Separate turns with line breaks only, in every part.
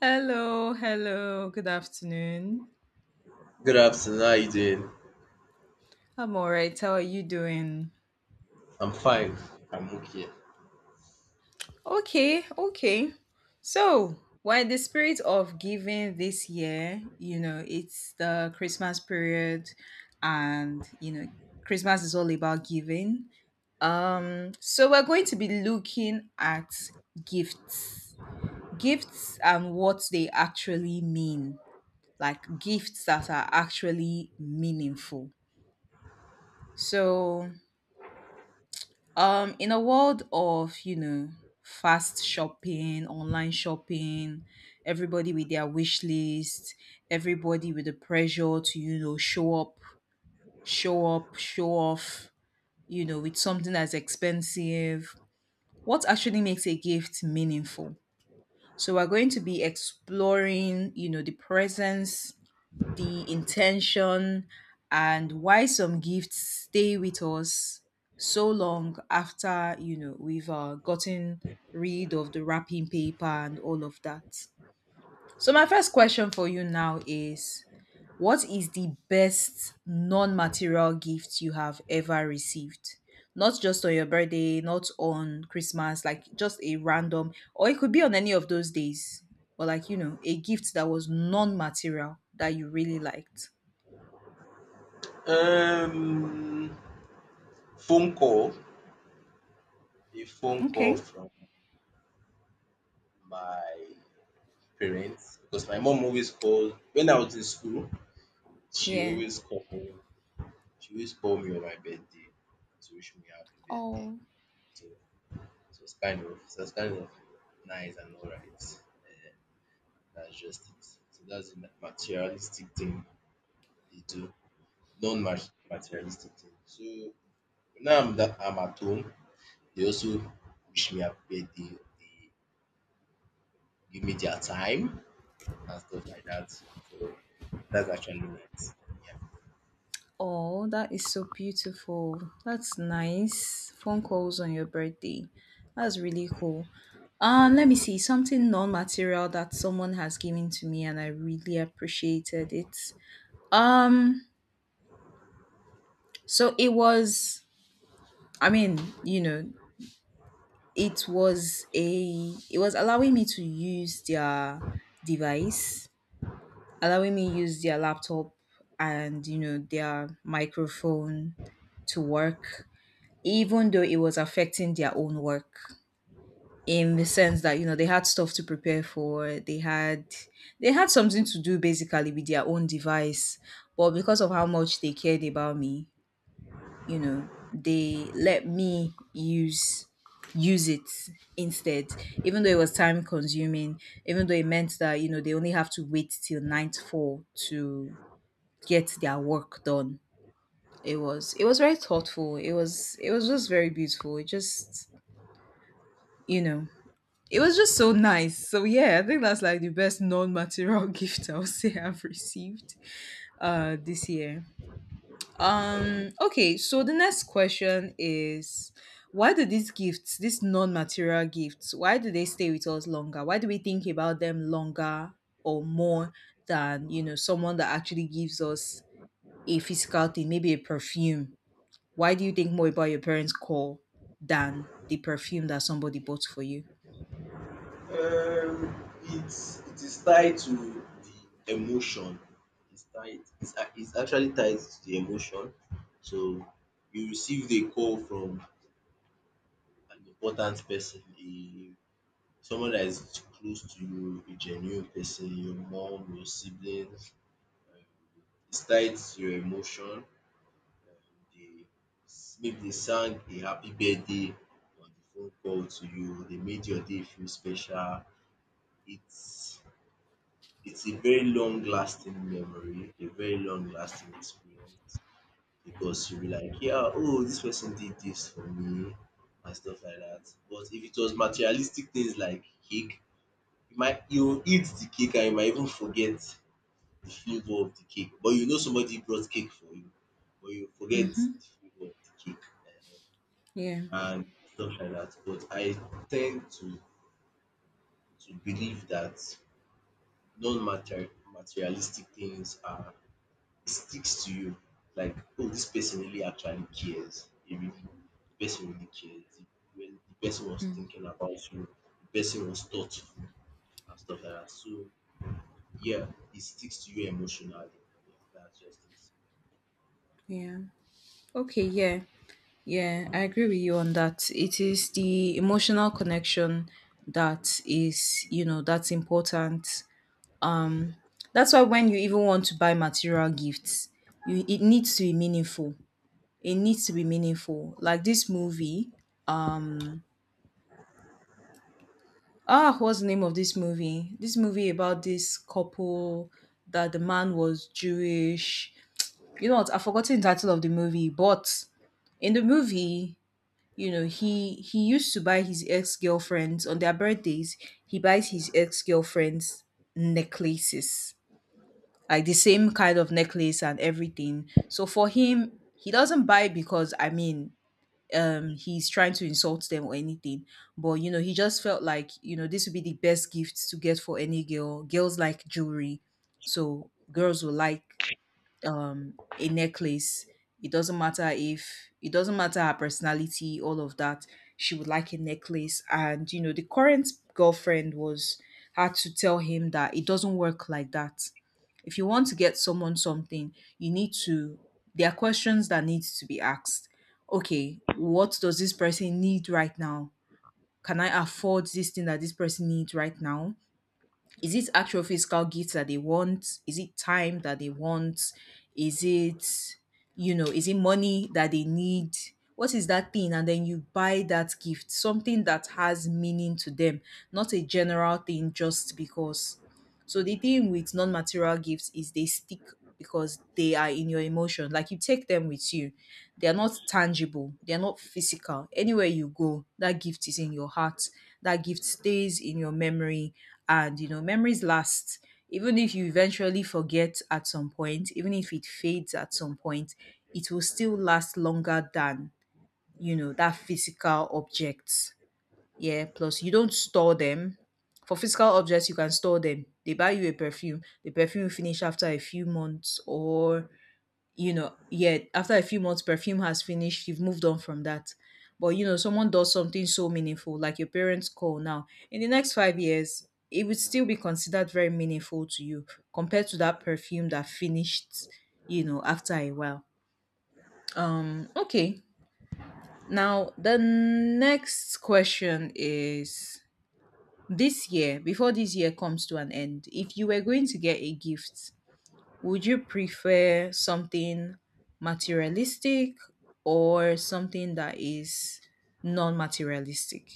Hello, hello. Good afternoon.
Good afternoon. How you doing?
I'm all right. How are you doing?
I'm fine. I'm okay.
Okay, okay. So, while the spirit of giving this year, it's the Christmas period and, Christmas is all about giving. So we're going to be looking at gifts. Gifts and what they actually mean. Like gifts that are actually meaningful. So, in a world of, fast shopping, online shopping, everybody with their wish list, everybody with the pressure to, show up, show off, with something that's expensive, what actually makes a gift meaningful? So we're going to be exploring, the presence, the intention, and why some gifts stay with us so long after we've gotten rid of the wrapping paper and all of that. So my first question for you now is, what is the best non-material gift you have ever received? Not just on your birthday, not on Christmas, like just a random, or it could be on any of those days, but like, a gift that was non-material that you really liked.
Um, phone call. A phone call
Okay.
from my parents because my mom always called when I was in school. She
Yeah.
always called me. She always called me on my birthday to wish me happy birthday.
Oh.
So it was kind of nice and alright. That's just it. So that's the materialistic thing they do. Non-materialistic thing. So now I'm at home. They also wish me happy birthday. They give me their time and stuff like that. So that's actually it. Yeah.
Oh, that is so beautiful. That's nice. Phone calls on your birthday. That's really cool. Let me see something non-material that someone has given to me, and I really appreciated it. Um, so it was. I mean, it was a. It was allowing me to use their device, allowing me use their laptop, and their microphone, to work, even though it was affecting their own work, in the sense that they had stuff to prepare for, they had something to do basically with their own device. But because of how much they cared about me, they let me use it instead, even though it was time consuming, even though it meant that they only have to wait till 9 to 4 to get their work done. It was very thoughtful. It was just very beautiful. It just, you know it was just so nice. So yeah, I think that's like the best non-material gift, I'll say, I've received this year.
Okay.
Okay, so the next question is, why do these gifts, these non-material gifts, why do they stay with us longer? Why do we think about them longer, or more than, someone that actually gives us a physical thing, maybe a perfume. Why do you think more about your parents' call than the perfume that somebody bought for you?
It is tied to the emotion. It's tied. It's actually tied to the emotion. So you received a call from an important person, a someone that is close to you, a genuine person, your mom, your siblings. Um, it's tied to your emotion. They maybe they sang a happy birthday on the phone call to you, they made your day feel special. It's it's a very long lasting memory, a very long lasting experience because you'll be like, yeah, oh, this person did this for me and stuff like that. But if it was materialistic things like cake, you eat the cake and you might even forget the flavor of the cake. But you know somebody brought cake for you, but you forget
Mm-hmm.
the flavor of the cake,
Yeah.
and stuff like that. But I tend to believe that non-material materialistic things are, it sticks to you. Like, oh, this person really actually cares. The person really cares. When the person was thinking about you, the person was thoughtful and stuff like that. So yeah, it sticks to you emotionally. Yeah, that's just it.
Yeah. Okay. Yeah. Yeah, I agree with you on that. It is the emotional connection that is, that's important. Um, that's why when you even want to buy material gifts, you it needs to be meaningful. It needs to be meaningful. Like this movie, um, Ah, what's the name of this movie? This movie about this couple, that the man was Jewish. You know what? I've forgotten the title of the movie, but in the movie, he used to buy his ex-girlfriends on their birthdays. He buys his ex-girlfriends necklaces, like the same kind of necklace and everything. So for him, he doesn't buy because, I mean, he's trying to insult them or anything, but he just felt like, this would be the best gift to get for any girl, girls like jewelry, so girls will like, a necklace. It doesn't matter, if it doesn't matter her personality, all of that. She would like a necklace, and the current girlfriend was had to tell him that it doesn't work like that. If you want to get someone something, you need to. There are questions that need to be asked. Okay, what does this person need right now? Can I afford this thing that this person needs right now? Is it actual physical gifts that they want, is it time that they want, is it, is it money that they need, what is that thing? And then you buy that gift, something that has meaning to them, not a general thing just because. So the thing with non-material gifts is they stick, because they are in your emotion, like you take them with you. They are not tangible, they are not physical. Anywhere you go, that gift is in your heart, that gift stays in your memory. And, memories last. Even if you eventually forget at some point, even if it fades at some point, it will still last longer than, that physical object. Yeah. Plus, you don't store them. For physical objects, you can store them. They buy you a perfume. The perfume will finish after a few months, or, yeah, after a few months, perfume has finished, you've moved on from that. But someone does something so meaningful, like your parents' call now, in the next 5 years, it would still be considered very meaningful to you, compared to that perfume that finished, after a while. Okay. Now, the next question is, this year, before this year comes to an end, if you were going to get a gift, would you prefer something materialistic, or something that is non materialistic?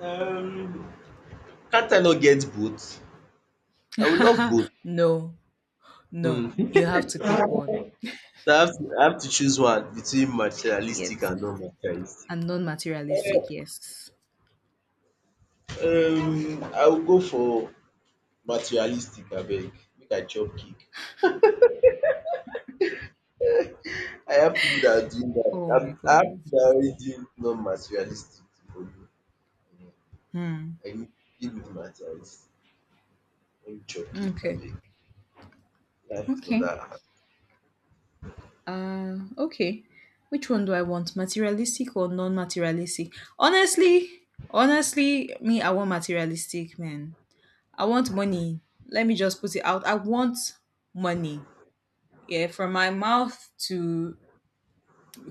Um, can't I not get both? I would love both.
No, no, you have to pick one.
So I have to choose one between
Yes,
materialistic and non-materialistic.
and non materialistic, yes.
I will go for materialistic abeg make I chop cake.
Oh my
I have
god.
people that are already doing non-materialistic for me. um
Hmm.
I need, give me di materialistic, let me chop cake
Okay.
abeg. Life is not
Okay.
that hard.
Okay. Which one do I want? Materialistic or non-materialistic? Honestly, honestly, me, I want materialistic, man. I want money. Let me just put it out. I want money. Yeah, from my mouth to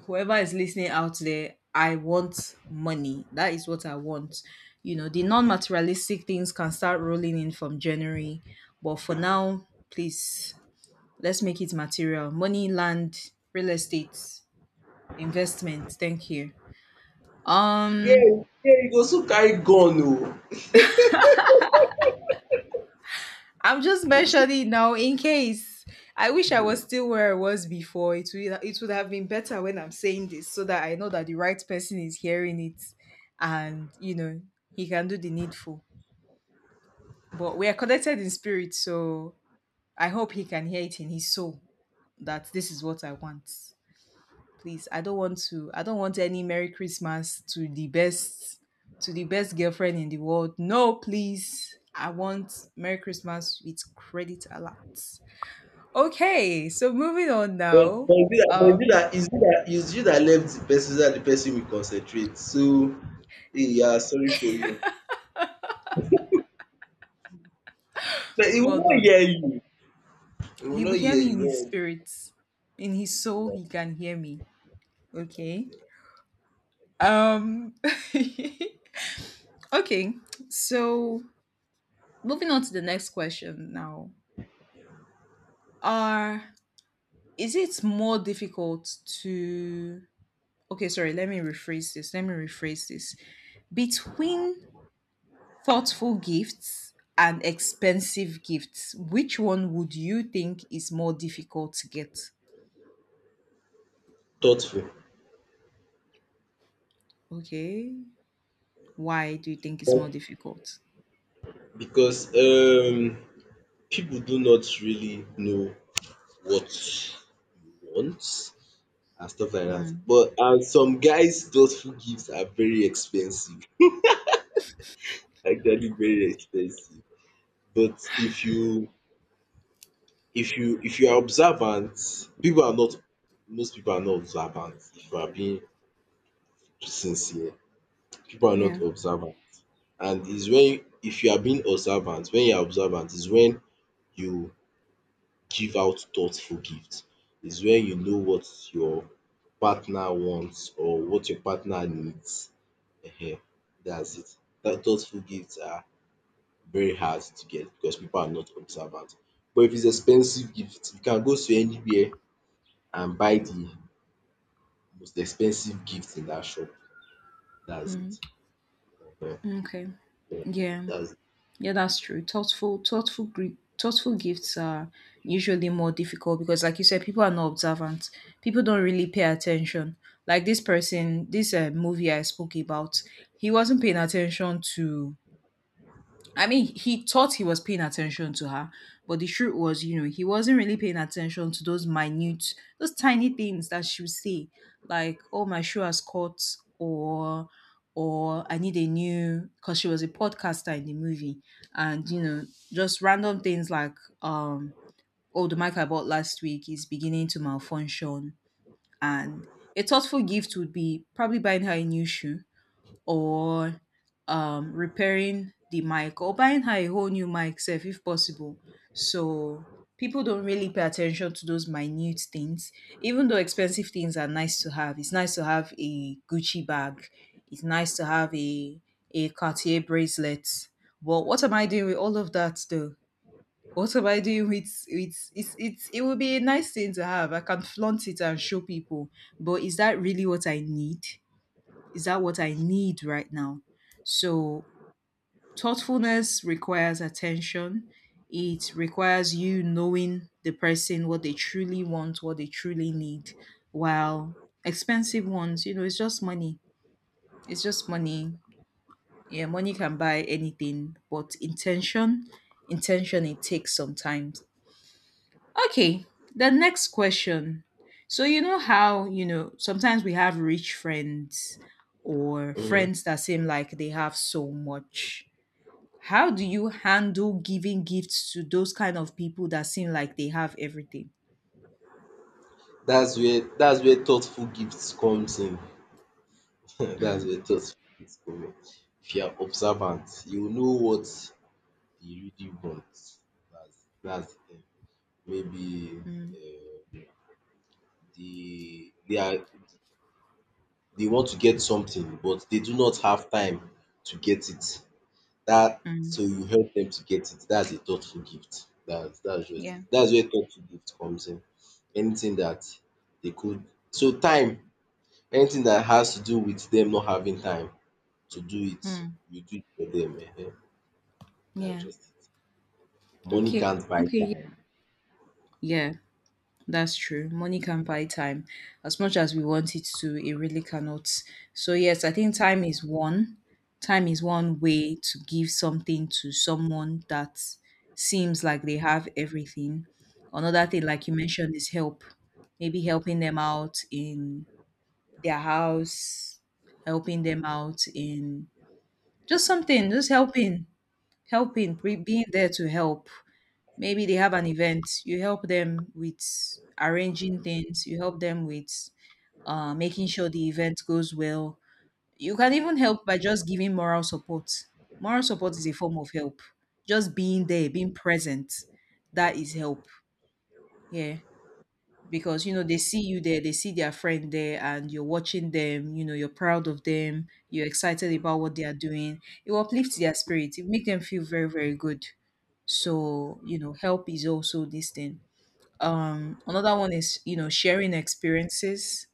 whoever is listening out there, I want money. That is what I want. You know, the non materialistic things can start rolling in from January. But for now, please, let's make it material. Money, land, real estate, investment. Thank you.
Yeah,
Um,
yeah, you go soon carry gun
I'm just mentioning now in case. I wish I was
oh.
still where I was before. It would have been better when I'm saying this, so that I know that the right person is hearing it, and he can do the needful. But we are connected in spirit, so I hope he can hear it in his soul, that this is what I want. Please, I don't want any Merry Christmas to the best girlfriend in the world. No, please. I want Merry Christmas with credit a lot. Okay, so moving on
But
now.
but is it
Um,
that is you that left the person so that the person will concentrate. So hey, yeah, sorry for you. But he will
well
not
done.
hear you. He will
He
not
will hear
hear
me in
you.
his
No,
spirit, in his
okay
soul.
na,
He can hear me. Okay.
okay.
Um. Okay. So moving on to the next question now. Are Is it more difficult to? Okay, sorry. Let me rephrase this. Let me rephrase this. Between thoughtful gifts and expensive gifts, which one would you think is more difficult to get?
Thoughtful.
Okay. Why do you think it's more
But
difficult?
because people do not really know what you want and stuff like that.
Mm.
But and some guys thoughtful gifts are very expensive. Actually very expensive. But if you are observant, people are not most people are not observant if you are being sincere. People are not
Yeah.
observant. And is when if you are being observant, When you are observant is when you give out thoughtful gifts. Is when you know what your partner wants or what your partner needs. Ehen, dats it. That thoughtful gifts are very hard to get because people are not observant. But if it's expensive gift, you can go to anywhere and buy the most expensive gift in that shop. That's it. Ehen,
Okay.
ehen.
Yeah.
That's.
Yeah, that's true. Thoughtful gifts are usually more difficult because, like you said, people are not observant. People don't really pay attention. Like this movie I spoke about, he wasn't paying attention to, I mean, he thought he was paying attention to her, but the truth was, he wasn't really paying attention to those minute, those tiny things that she would say, like, oh, my shoe has caught, or, or I need a new, because she was a podcaster in the movie. And, just random things like, um, oh, the mic I bought last week is beginning to malfunction. And a thoughtful gift would be probably buying her a new shoe, or, repairing the mic, or buying her a whole new mic self if possible. So people don't really pay attention to those minute things. Even though expensive things are nice to have, it's nice to have a Gucci bag. It's nice to have a Cartier bracelet. But what am I doing with all of that though? What am I doing with, it would be a nice thing to have. I can flaunt it and show people. But is that really what I need? Is that what I need right now? So, thoughtfulness requires attention. It requires you knowing the person, what they truly want, what they truly need. While expensive ones, it's just money. It's just money. Yeah, money can buy anything, but intention, intention, it takes some time. Okay, the next question. So, you know how, sometimes we have rich friends, or
Mhm.
friends that seem like they have so much. How do you handle giving gifts to those kind of people that seem like they have everything?
That's where thoughtful gifts comes in. That's
Mm,
where thoughtful gifts come in. If you are observant, you know what you really want. That's the thing. Maybe
mm,
um they they are they want to get something, but they do not have time to get it. That
mm.
so you help them to get it. That's a thoughtful gift. That's just
Yeah.
it. That's where thoughtful gift comes in. Anything that they could so time, anything that has to do with them not having time to do it,
Mm,
you do it for them. Ehen. That's
yeah.
just it. Money
Okay.
can't buy
Okay.
time.
Yeah. That's true. Money can't buy time. As much as we want it to, it really cannot. So, yes, I think time is one. Time is one way to give something to someone that seems like they have everything. Another thing, like you mentioned, is help. Maybe helping them out in their house, helping them out in just something, just helping, being there to help. Maybe they have an event, you help them with arranging things, you help them with making sure the event goes well. You can even help by just giving moral support. Moral support is a form of help. Just being there, being present, that is help. Yeah. Because you know they see you there, they see their friend there, and you're watching them. You know you're proud of them. You're excited about what they are doing. It will uplift their spirit. It make them feel very, very good. So you know, help is also this thing. Another one is, you know, sharing experiences,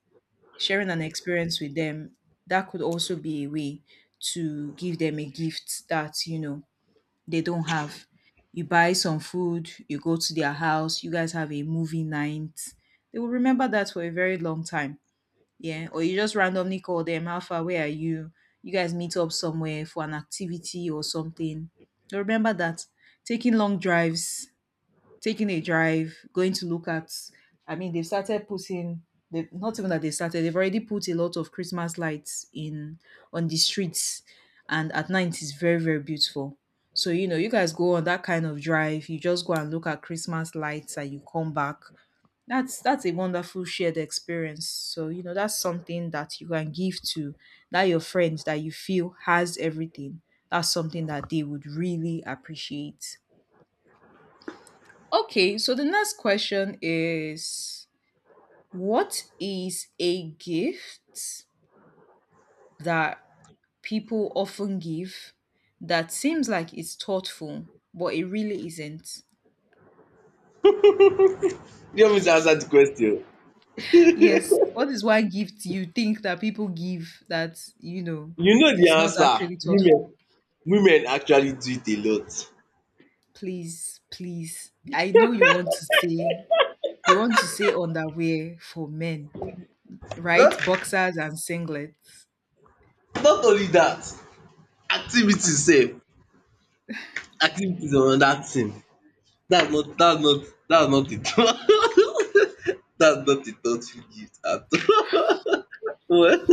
sharing an experience with them, that could also be a way to give them a gift that, you know, they don't have. You buy some food, you go to their house, you guys have a movie night, they will remember that for a very long time. Yeah, or you just randomly call them, how far, where are you, you guys meet up somewhere for an activity or something, they remember that. Taking long drives, taking a drive, going to look at. I mean, they've started putting. They've, not even that they started. They've already put a lot of Christmas lights in on the streets, and at night it's very, very beautiful. So you know, you guys go on that kind of drive. You just go and look at Christmas lights, and you come back. That's a wonderful shared experience. So you know, that's something that you can give to that your friend that you feel has everything. That's something that they would really appreciate. Okay, so the next question is, what is a gift that people often give that seems like it's thoughtful, but it really isn't?
You want me to answer the question?
Yes, what is one gift you think that people give that, you know,
You know the
is not
answer.
actually thoughtful?
Women actually do it a lot.
Please, please. I know you want to say, you want to say underwear for men,
Not
right? Boxers and singlets.
not only that, activities sef. Activities on another thing. That's not it. That's not a thoughtful gift at all. What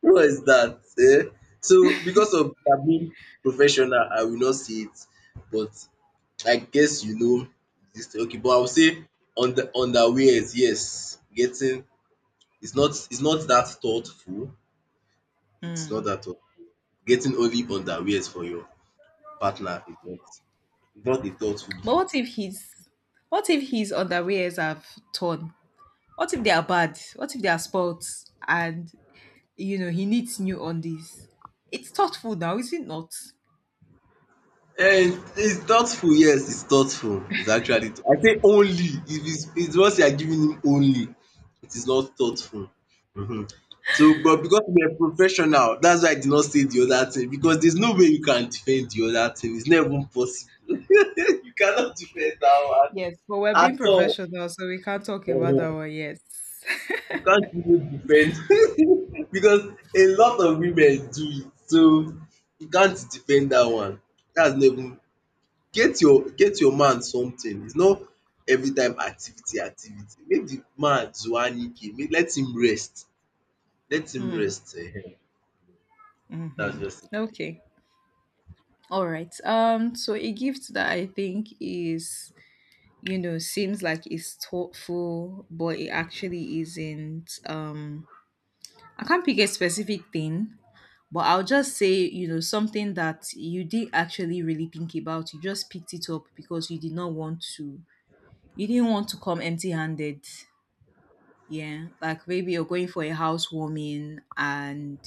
what is that? Eh? So because of that being professional, I will not see it. But I guess you know this. Okay, but I would say on the underwears, yes. Getting it's not that thoughtful. It's not
Mm.
that thoughtful. Getting only underwears for your partner is not a thoughtful
But what
gift.
if he's, what if his underwears have torn? What if they are bad? What if they are spots and you know he needs new undies? It's thoughtful now, is it not?
Eh, it's thoughtful, yes, it's thoughtful. It's actually I say only if it's once you are giving him only, it is not thoughtful. Mhm. But because we are professional, that's why I did not say the other thing because there's no way you can defend the other thing. It's not even possible. You cannot defend that one
Yes, but we're being
at all.
professional, so we can't talk about that
Ehen.
one. Yes.
You can't even defend because a lot of women do it. So you can't defend that one. That's never. Get your man something, it's not every time activity activity. Make the man Zwanike, make let him
Hmm.
rest dats
Mm-hmm.
just it.
Okay. All right. So a gift that I think is, you know, seems like it's thoughtful, but it actually isn't. I can't pick a specific thing, but I'll just say, you know, something that you did actually really think about. You just picked it up because you didn't want to come empty handed. Yeah. Like maybe you're going for a housewarming and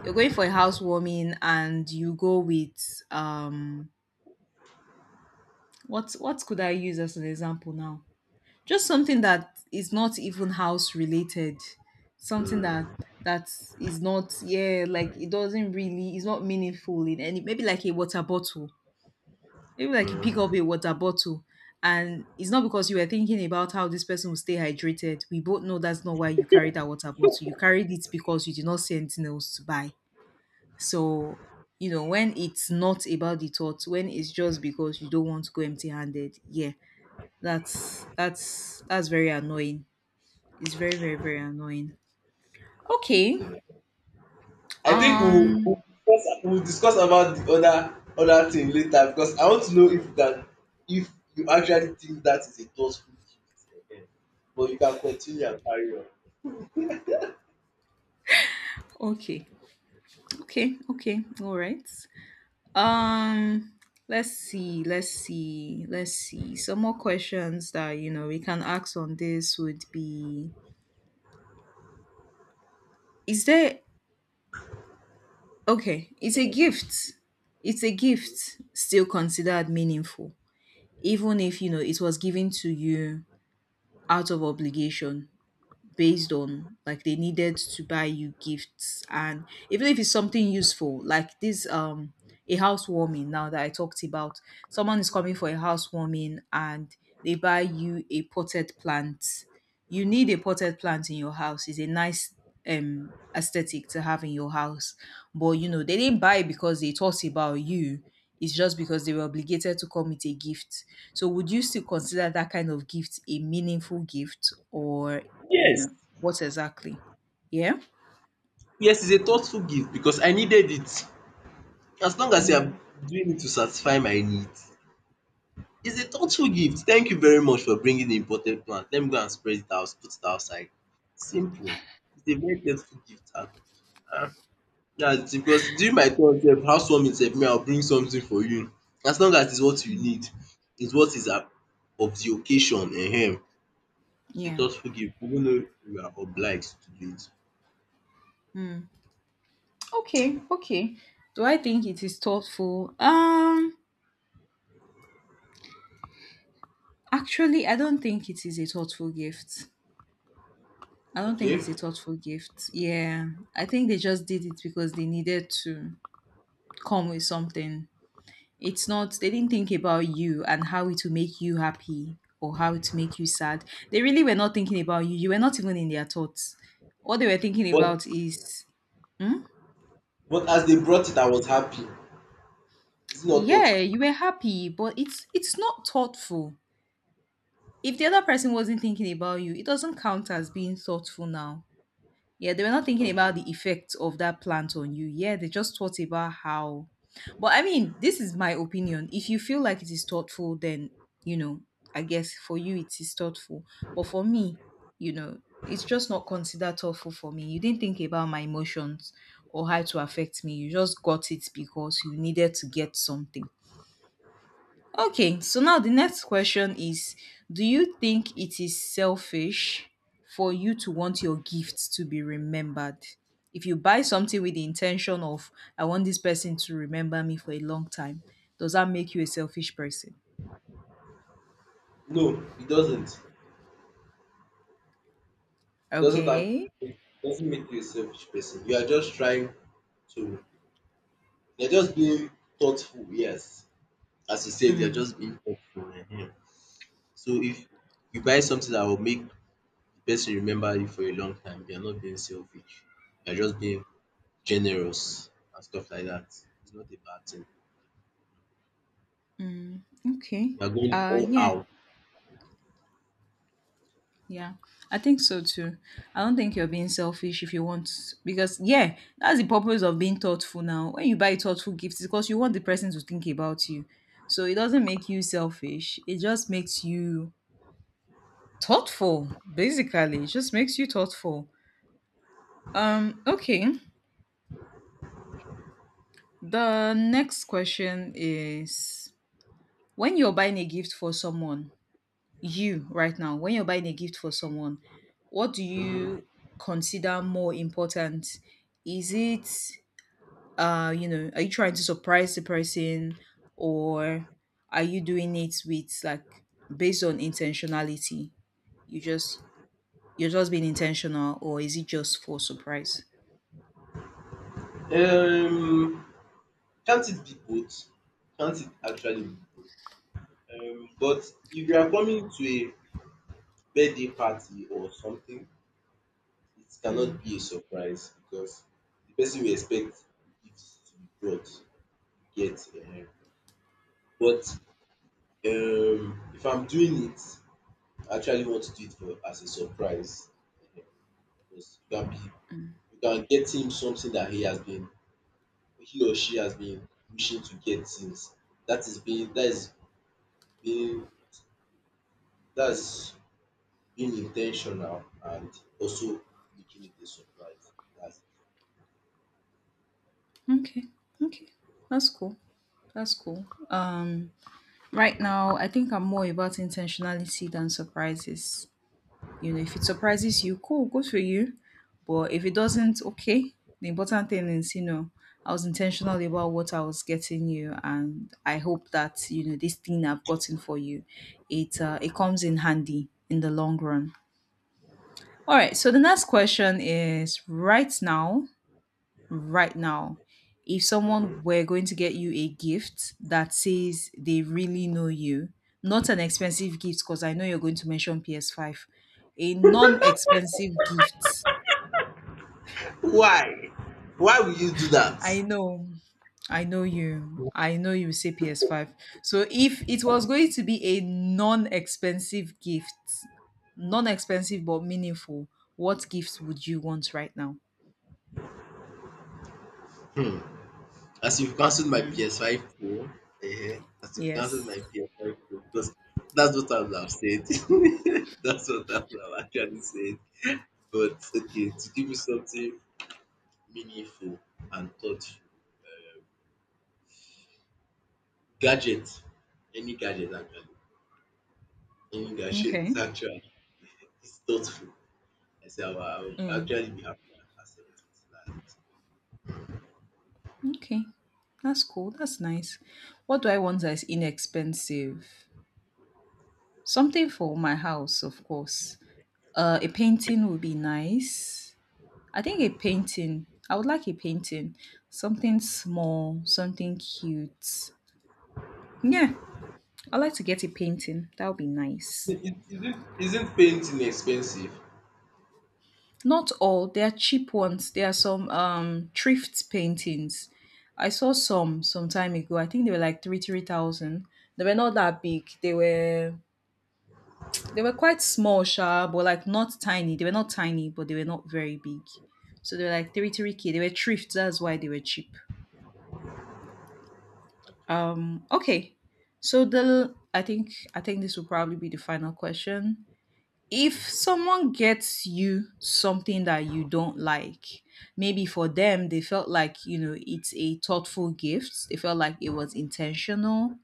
you're going for a housewarming and you go with, what could I use as an example now? Just something that is not even house related. Something that is not, yeah, like it doesn't really, it's not meaningful in any, maybe like a water bottle. Maybe like you pick up a
um
water bottle and it's not because you were thinking about how this person will stay hydrated. We both know that's not why you carried that water bottle. You carried it because you did not see anything else to buy. So, you know, when it's not about the thought, when it's just because you don't want to go empty handed, yeah, that's very annoying. It's very, very, very annoying. Okay.
I think we will we
Um
will discuss we will discuss about the other thing later because I want to know if you can if you actually think that is a thoughtful gift but you can continue and carry on.
okay. Okay, okay, all right. Um, let's see, let's see, let's see. Some more questions that you know we can ask on this would be, Is there okay, is a gift, it's a gift still considered meaningful, even if you know it was given to you out of obligation, based on like they needed to buy you gifts, and even if it's something useful like this, a housewarming now that I talked about, someone is coming for a housewarming and they buy you a potted plant, you need a potted plant in your house, it's a nice aesthetic to have in your house, but you know they didn't buy it because they thought about you, it's just because they were obligated to come with a gift, so would you still consider that kind of gift a meaningful gift, or, you
Yes,
know, what exactly, yeah,
yes, it's a thoughtful gift because I needed it. As long as you are
mm,
doing it to satisfy my needs, it's a thoughtful gift. Thank you very much for bringing the imported plant. Let me go and spread it out, put it outside. Simple. It's a very thoughtful gift. Ah, ah. That's it because during my turn sef, housewarming sef, me I will bring something for you. As long as it's what you need, it's what is of the occasion. It's a
yeah,
thoughtful gift even though you are obliged to do it.
mm. Okay, okay, do I think it is thoughtful, actually I don't think it is a thoughtful gift, I don't think
Okay?
it's a thoughtful gift, yeah, I think they just did it because they needed to come with something, it's not, they didn't think about you and how it will make you happy or how it will make you sad, they really were not thinking about you, you were not even in their thoughts, what they were thinking
But
about is, hmm?
but as they brought it, I was happy. It's not
Yeah,
thoughtful.
you were happy, but it's not thoughtful, if the other person wasn't thinking about you it doesn't count as being thoughtful now, yeah, they were not thinking about
Okay.
the effect of that plant on you, yeah, they just thought about how, but I mean, this is my opinion, if you feel like it is thoughtful, then, you know, I guess for you it is thoughtful, but for me, you know, it's just not considered thoughtful for me, you didn't think about my emotions or how to affect me, you just got it because you needed to get something. Okay, so now the next question is, do you think it is selfish for you to want your gift to be remembered? If you buy something with the intention of, I want this person to remember me for a long time, does that make you a selfish person?
No, it doesn't. It doesn't have
Okay.
it doesn't make you a selfish person. You are just trying to, you're just being thoughtful, yes. As you said, you're
Mm,
just being thoughtful. Mhm. So if you buy something that will make the person remember you for a long time, you're not being selfish. You're just being generous and stuff like that. It's not a bad thing.
mm, okay.
You're going all
Yeah.
out.
Yeah, I think so too. I don't think you're being selfish if you want, because yeah, that's the purpose of being thoughtful now. When you buy thoughtful gifts, it's because you want the person to think about you. So it doesn't make you selfish. It just makes you thoughtful, basically. It just makes you thoughtful. Okay. The next question is, when you're buying a gift for someone, you right now when you're buying a gift for someone what do
Mhm.
you consider more important, is it, you know, are you trying to surprise the person, or are you doing it with like, based on intentionality, you just you're just being intentional, or is it just for surprise?
Um can't it be both? Can't it actually be both? But if you are coming to a birthday party or something, it
Mm,
cannot be a surprise because the person we expect gives to be brought, you get. But if I'm doing it, I actually want to do it for as a surprise um because you can get him something that he has been he or she has been wishing to get since. That is being that is being that's being intentional and also making it a surprise. That's.
okay, okay, that's cool, that's cool, um right now I think I'm more about intentionality than surprises. You know, if it surprises you, cool, good for you. But if it doesn't, okay. The important thing is, you know, I was intentional about what I was getting you, and I hope that, you know, this thing I've gotten for you, it, it comes in handy in the long run. All right. So the next question is, right now, if someone were going to get you a gift that says they really know you, not an expensive gift, because I know you're going to mention PS5, a non expensive gift.
Why? Why will you do that?
I know. I know you. I know you say PS5. So if it was going to be a non-expensive gift, non-expensive but meaningful, what gift would you want right now?
Hmm. As you've cancelled my
Mm.
PS5 Pro, um as you've
Yes.
cancelled my PS5 Pro because that's what I would have said. That's what I would have actually said. But okay, to give you something meaningful and thoughtful. Gadget, any gadget actually, any gadget
Okay.
actually it's thoughtful. I will
Hmm.
actually be happy and accept
Okay, that's cool. That's nice. What do I want that is inexpensive? Something for my house, of course. A painting would be nice. I think a painting. I would like a painting. Something small, something cute. Yeah, I'd like to get a painting. That would be nice.
it. Is it isn't painting expensive?
Not all. There are cheap ones. There are some thrift paintings. I saw some time ago. I think they were like three three thousand. They were not that big. They were quite small, sha, but like not tiny. They were not tiny, but they were not very big. So they were like three three k. They were thrift. That's why they were cheap.
Okay.
Okay. So the I think this will probably be the final question. If someone gets you something that you don't like, maybe for them they felt like, you know, it's a thoughtful gift. They felt like it was intentional.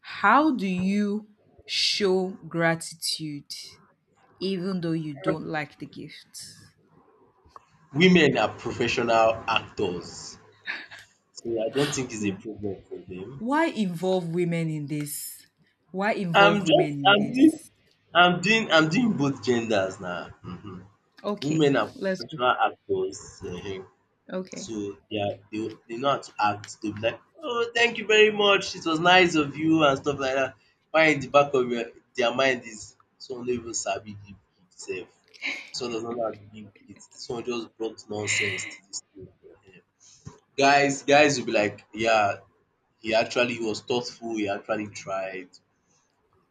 How do you show gratitude, even though you don't like the gift?
Women are professional actors. So I don't think it's a problem for them.
Why involve women in this? Why
I'm
involve
just
women in
I'm doing
this?
I'm doing I'm doing both genders now. Mhm.
Okay,
Women are
let's go.
professional actors,
Okay.
so they are they know how to act. They'll be like, "Oh, thank you very much. It was nice of you," and stuff like that. While in the back of your their mind is someone no even sabi give gift sef. Dis one does not know how to give gift. Dis one just brought nonsense to this thing. Guys will be like, "Yeah, he actually was thoughtful, he actually tried.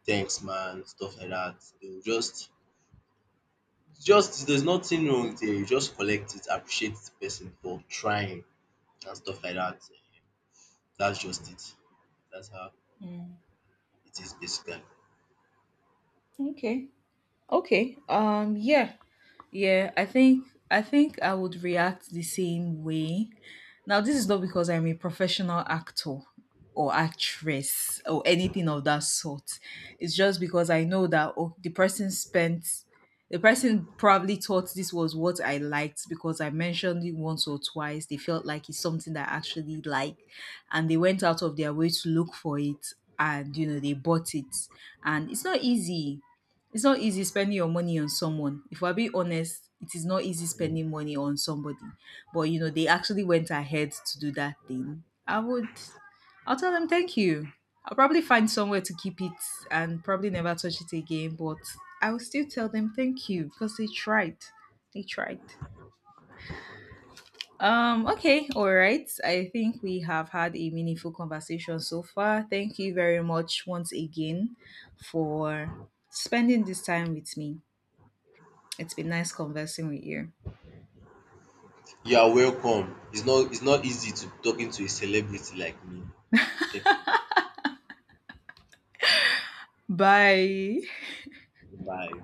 Thanks man," stuff like that. They will just there's nothing wrong with it. You just collect it, appreciate the person for trying and stuff like that. That's just it. That's how it is basically.
Okay. Okay. Yeah. Yeah, I think I think I would react the same way. Now this is not because I'm a professional actor or actress or anything of that sort. It's just because I know that, oh, the person spent, the person probably thought this was what I liked because I mentioned it once or twice. They felt like it's something that I actually like, and they went out of their way to look for it, and you know they bought it, and it's not easy, it's not easy spending your money on someone. If we're being honest, it is not easy spending money on somebody. But you know, they actually went ahead to do that thing. I'll tell them thank you. I'll probably find somewhere to keep it and probably never touch it again, but I will still tell them thank you because they tried. They tried. Okay, all right. I think we have had a meaningful conversation so far. Thank you very much once again for spending this time with me. It's been nice conversing with you.
You are welcome. It's not easy to talking to a celebrity like me. Thank you.
Bye.
Bye.